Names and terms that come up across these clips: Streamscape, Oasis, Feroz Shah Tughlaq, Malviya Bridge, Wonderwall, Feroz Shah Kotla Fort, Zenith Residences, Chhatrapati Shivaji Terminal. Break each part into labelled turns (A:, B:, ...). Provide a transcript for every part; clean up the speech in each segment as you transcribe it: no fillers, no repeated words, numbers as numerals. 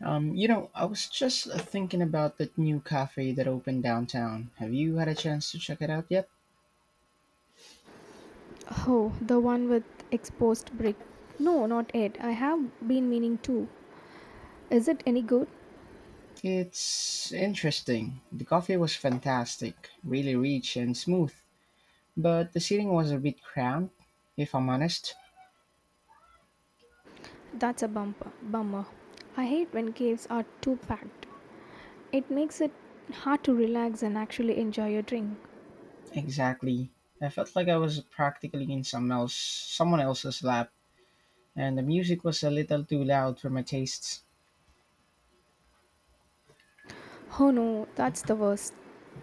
A: I was just thinking about that new cafe that opened downtown. Have you had a chance to check it out yet?
B: Oh, the one with exposed brick. No, not yet. I have been meaning to. Is it any good?
A: It's interesting. The coffee was fantastic, really rich and smooth, but the seating was a bit cramped, if I'm honest.
B: That's a bumper bummer. I hate when caves are too packed. It makes it hard to relax and actually enjoy your drink.
A: Exactly. I felt like I was practically in someone else's lap, and the music was a little too loud for my tastes.
B: Oh no, that's the worst.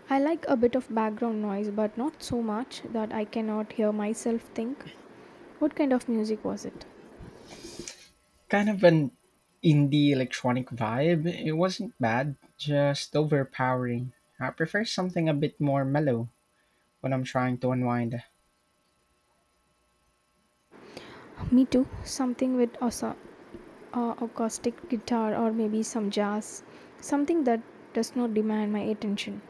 B: I like a bit of background noise, but not so much that I cannot hear myself think. What kind of music was it?
A: Kind of an indie electronic vibe. It wasn't bad, just overpowering. I prefer something a bit more mellow when I'm trying to unwind.
B: Me too. Something with Osa acoustic guitar or maybe some jazz, something that does not demand my attention.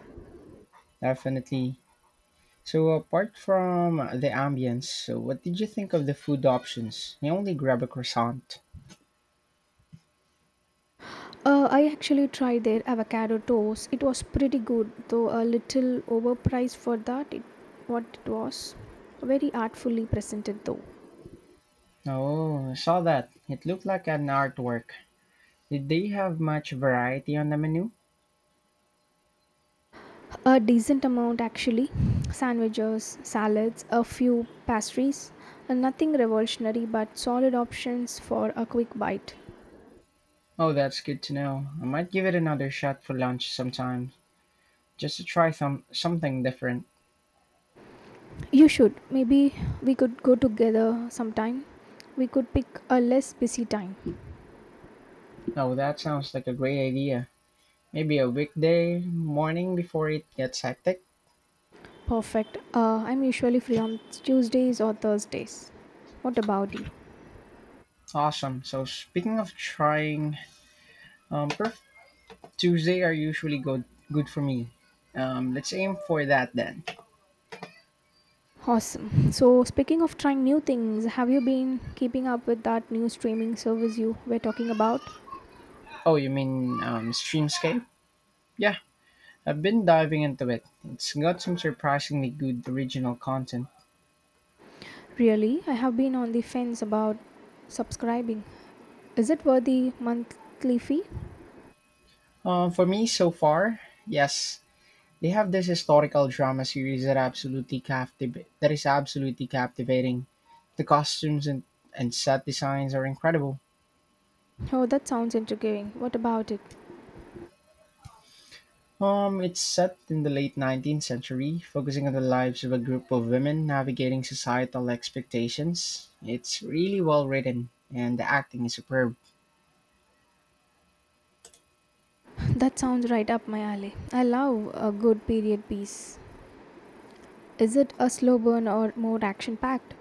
A: Definitely. So apart from the ambience, so what did you think of the food options? I only grabbed a croissant.
B: I actually tried their avocado toast. It was pretty good, though a little overpriced for that. It, what it was, Very artfully presented though.
A: Oh, I saw that. It looked like an artwork. Did they have much variety on the menu?
B: A decent amount actually, sandwiches, salads, a few pastries, and nothing revolutionary, but solid options for a quick bite.
A: Oh, that's good to know. I might give it another shot for lunch sometime, just to try something different.
B: You should. Maybe we could go together sometime. We could pick a less busy time.
A: No, that sounds like a great idea. Maybe a weekday morning before it gets hectic.
B: Perfect. I'm usually free on Tuesdays or Thursdays. What about you?
A: Awesome. So speaking of trying, perf- Tuesday are usually good for me. Let's aim for that then.
B: Awesome. So, speaking of trying new things, have you been keeping up with that new streaming service you were talking about?
A: Oh, you mean Streamscape? Yeah, I've been diving into it. It's got some surprisingly good original content.
B: Really? I have been on the fence about subscribing. Is it worth the monthly fee?
A: For me so far, yes. They have this historical drama series that that is absolutely captivating. The costumes and set designs are incredible.
B: Oh, that sounds intriguing. What about it?
A: It's set in the late 19th century, focusing on the lives of a group of women navigating societal expectations. It's really well written, and the acting is superb.
B: That sounds right up my alley. I love a good period piece. Is it a slow burn or more action packed?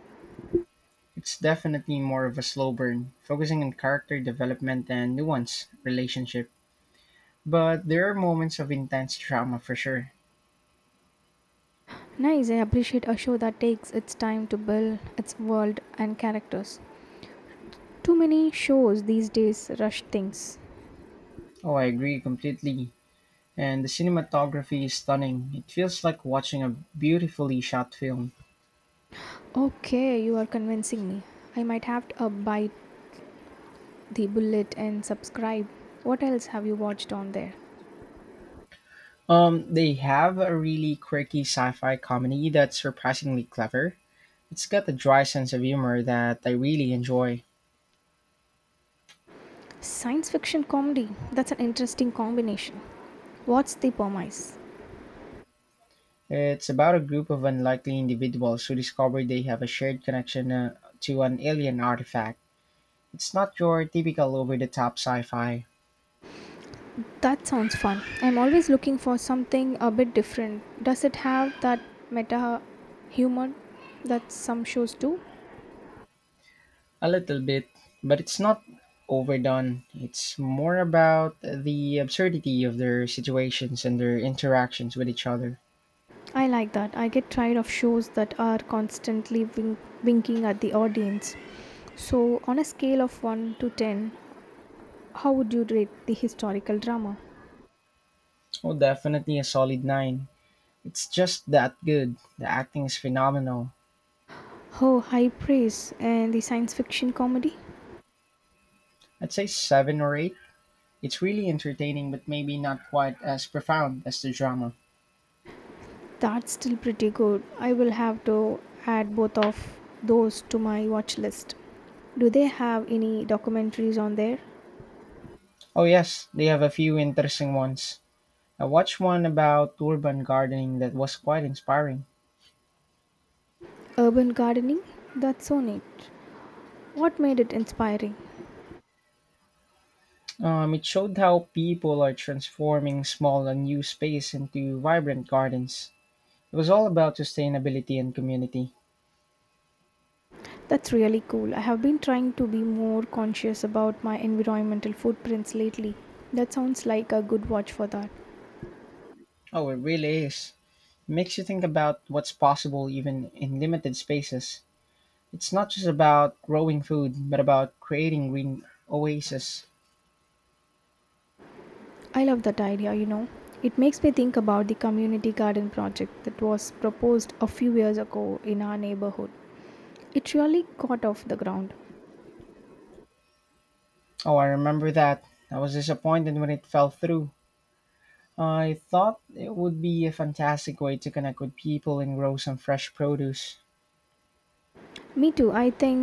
A: It's definitely more of a slow burn, focusing on character development and nuance relationship. But there are moments of intense drama for sure.
B: Nice, I appreciate a show that takes its time to build its world and characters. Too many shows these days rush things.
A: Oh, I agree completely. And the cinematography is stunning. It feels like watching a beautifully shot film.
B: Okay, you are convincing me. I might have to bite the bullet and subscribe. What else have you watched on there?
A: They have a really quirky sci-fi comedy that's surprisingly clever. It's got a dry sense of humor that I really enjoy.
B: Science fiction comedy. That's an interesting combination. What's the premise?
A: It's about a group of unlikely individuals who discover they have a shared connection to an alien artifact. It's not your typical over-the-top sci-fi.
B: That sounds fun. I'm always looking for something a bit different. Does it have that meta humor that some shows do?
A: A little bit, but it's not overdone. It's more about the absurdity of their situations and their interactions with each other.
B: I like that. I get tired of shows that are constantly winking at the audience. So, on a scale of 1 to 10, how would you rate the historical drama?
A: Oh, definitely a solid 9. It's just that good. The acting is phenomenal.
B: Oh, high praise. And the science fiction comedy?
A: I'd say 7 or 8. It's really entertaining, but maybe not quite as profound as the drama.
B: That's still pretty good. I will have to add both of those to my watch list. Do they have any documentaries on there?
A: Oh, yes, they have a few interesting ones. I watched one about urban gardening that was quite inspiring.
B: Urban gardening, that's so neat. What made it inspiring?
A: It showed how people are transforming small unused space into vibrant gardens. It was all about sustainability and community.
B: That's really cool. I have been trying to be more conscious about my environmental footprints lately. That sounds like a good watch for that.
A: Oh, it really is. It makes you think about what's possible even in limited spaces. It's not just about growing food, but about creating green oases.
B: I love that idea, you know, it makes me think about the community garden project that was proposed a few years ago in our neighborhood. It really got off the ground.
A: Oh, I remember that. I was disappointed when it fell through. I thought it would be a fantastic way to connect with people and grow some fresh produce.
B: Me too. I think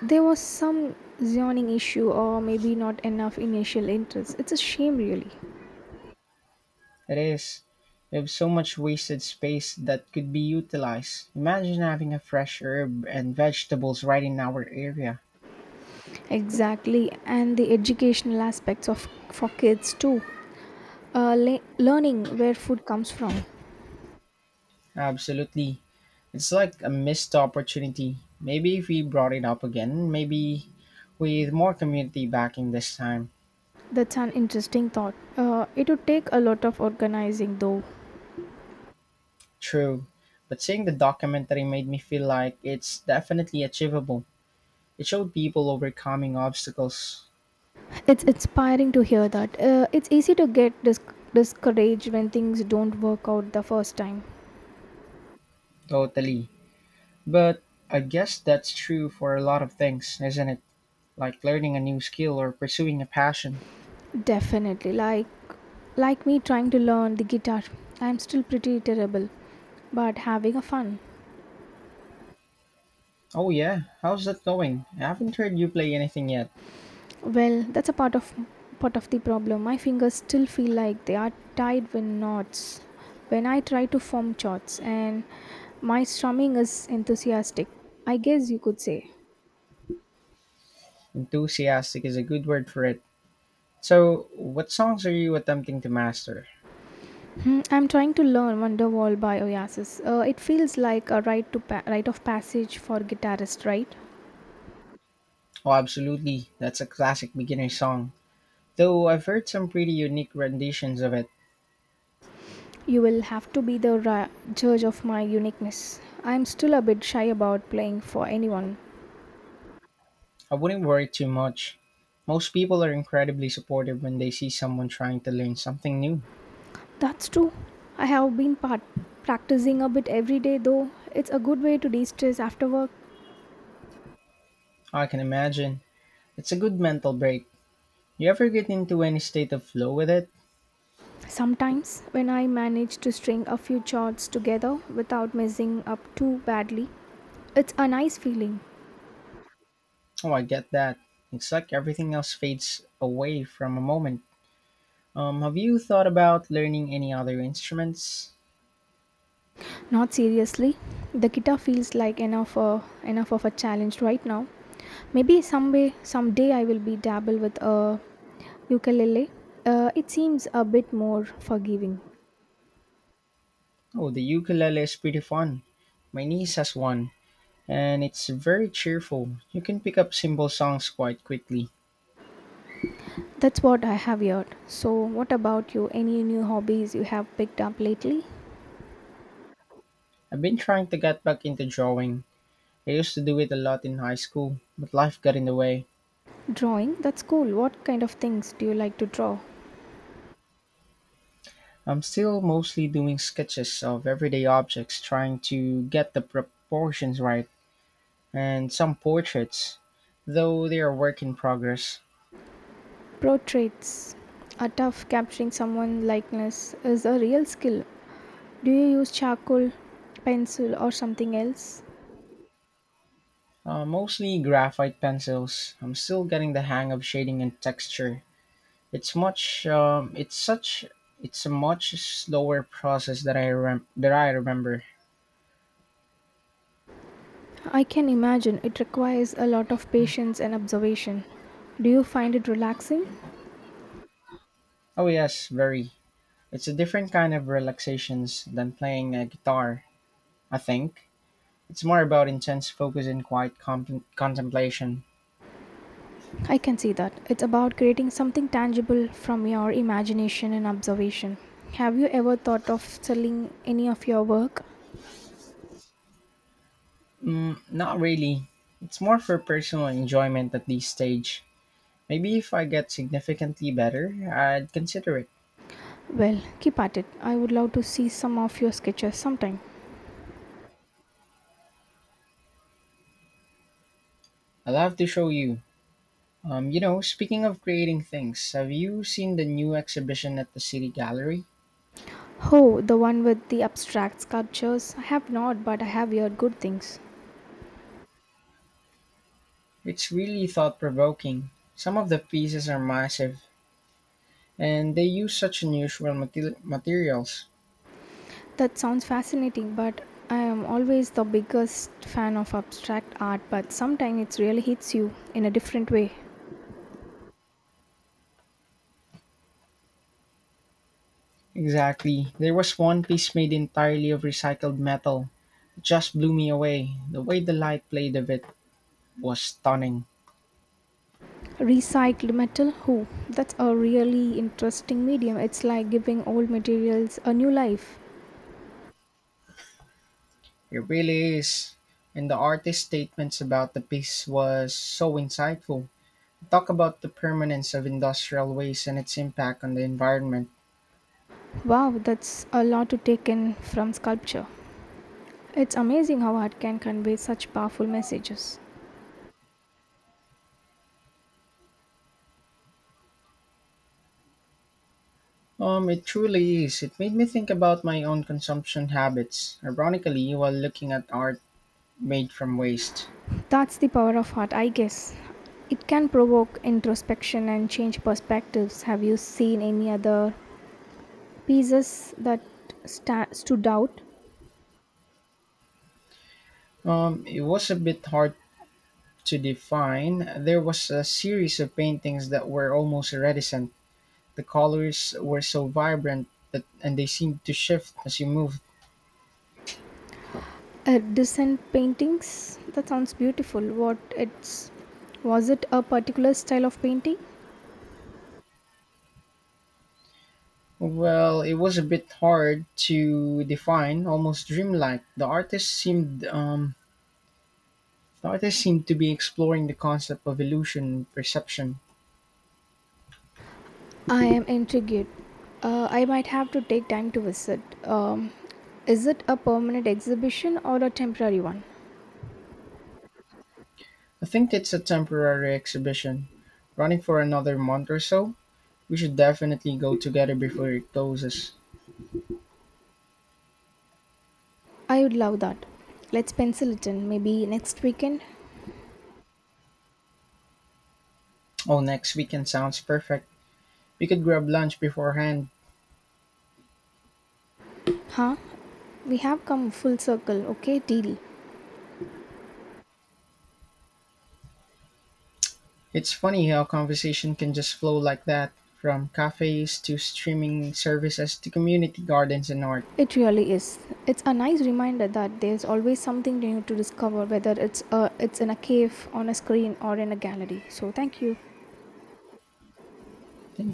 B: there was some zoning issue or maybe not enough initial interest. It's a shame, really.
A: It is. We have so much wasted space that could be utilized. Imagine having a fresh herb and vegetables right in our area.
B: Exactly, and the educational aspects of for kids too. Learning where food comes from.
A: Absolutely. It's like a missed opportunity. Maybe if we brought it up again, maybe with more community backing this time.
B: That's an interesting thought. It would take a lot of organizing, though.
A: True. But seeing the documentary made me feel like it's definitely achievable. It showed people overcoming obstacles.
B: It's inspiring to hear that. It's easy to get discouraged when things don't work out the first time.
A: Totally. But I guess that's true for a lot of things, isn't it? Like learning a new skill or pursuing a passion.
B: Definitely, like me trying to learn the guitar. I'm still pretty terrible, but having a fun.
A: Oh, yeah, how's that going? I haven't heard you play anything yet.
B: Well, that's a part of the problem. My fingers still feel like they are tied with knots when I try to form chords, and my strumming is enthusiastic. I guess you could say.
A: Enthusiastic is a good word for it. So, what songs are you attempting to master?
B: Hmm, I'm trying to learn Wonderwall by Oasis. It feels like a rite of passage for guitarist, right?
A: Oh, absolutely, that's a classic beginner song. Though I've heard some pretty unique renditions of it,
B: You will have to be the judge of my uniqueness. I'm still a bit shy about playing for anyone.
A: I wouldn't worry too much. Most people are incredibly supportive when they see someone trying to learn something new.
B: That's true. I have been part practicing a bit every day though. It's a good way to de-stress after work.
A: I can imagine. It's a good mental break. You ever get into any state of flow with it?
B: Sometimes when I manage to string a few chords together without messing up too badly, it's a nice feeling.
A: Oh, I get that. It's like everything else fades away from a moment. Have you thought about learning any other instruments?
B: Not seriously, the guitar feels like enough of a challenge right now. Maybe someday Someday I will be dabble with a ukulele. It seems a bit more forgiving.
A: Oh, the ukulele is pretty fun. My niece has one, and it's very cheerful. You can pick up simple songs quite quickly.
B: That's what I have heard. So, what about you? Any new hobbies you have picked up lately?
A: I've been trying to get back into drawing. I used to do it a lot in high school, but life got in the way.
B: Drawing? That's cool. What kind of things do you like to draw?
A: I'm still mostly doing sketches of everyday objects, trying to get the proportions right. And some portraits, though they are work in progress.
B: Portraits are tough. Capturing someone likeness is a real skill. Do you use charcoal, pencil, or something else?
A: Mostly graphite pencils. I'm still getting the hang of shading and texture. It's much. It's such. It's a much slower process that that I remember.
B: I can imagine it requires a lot of patience and observation. Do you find it relaxing?
A: Oh yes, very. It's a different kind of relaxations than playing a guitar. I think it's more about intense focus and quiet contemplation.
B: I can see that. It's about creating something tangible from your imagination and observation. Have you ever thought of selling any of your work?
A: Mm, not really. It's more for personal enjoyment at this stage. Maybe if I get significantly better, I'd consider it.
B: Well, keep at it. I would love to see some of your sketches sometime.
A: I'll have to show you. Speaking of creating things, have you seen the new exhibition at the City Gallery?
B: Oh, the one with the abstract sculptures. I have not, but I have heard good things.
A: It's really thought provoking. Some of the pieces are massive, and they use such unusual materials.
B: That sounds fascinating, but I am always the biggest fan of abstract art, but sometimes it really hits you in a different way.
A: Exactly. There was one piece made entirely of recycled metal. It just blew me away. The way the light played of it was stunning.
B: Recycled metal? Who? That's a really interesting medium. It's like giving old materials a new life.
A: It really is. And the artist's statements about the piece was so insightful. Talk about the permanence of industrial waste and its impact on the environment.
B: Wow, that's a lot to take in from sculpture. It's amazing how art can convey such powerful messages.
A: It truly is. It made me think about my own consumption habits, ironically, while looking at art made from waste.
B: That's the power of art, I guess. It can provoke introspection and change perspectives. Have you seen any other pieces that stood out?
A: It was a bit hard to define. There was a series of paintings that were almost iridescent. The colors were so vibrant that, and they seemed to shift as you moved.
B: Decent paintings? That sounds beautiful. What it's Was it a particular style of painting?
A: Well, it was a bit hard to define, almost dreamlike. The artist seemed to be exploring the concept of illusion and perception.
B: I am intrigued. I might have to take time to visit. Is it a permanent exhibition or a temporary one?
A: I think it's a temporary exhibition, running for another month or so. We should definitely go together before it closes.
B: I would love that. Let's pencil it in, maybe next weekend.
A: Oh, next weekend sounds perfect. We could grab lunch beforehand.
B: Huh? We have come full circle, okay? Deal.
A: It's funny how conversation can just flow like that, from cafes to streaming services to community gardens and art.
B: It really is. It's a nice reminder that there's always something new to discover, whether it's in a cave, on a screen, or in a gallery. So thank you.
A: Thank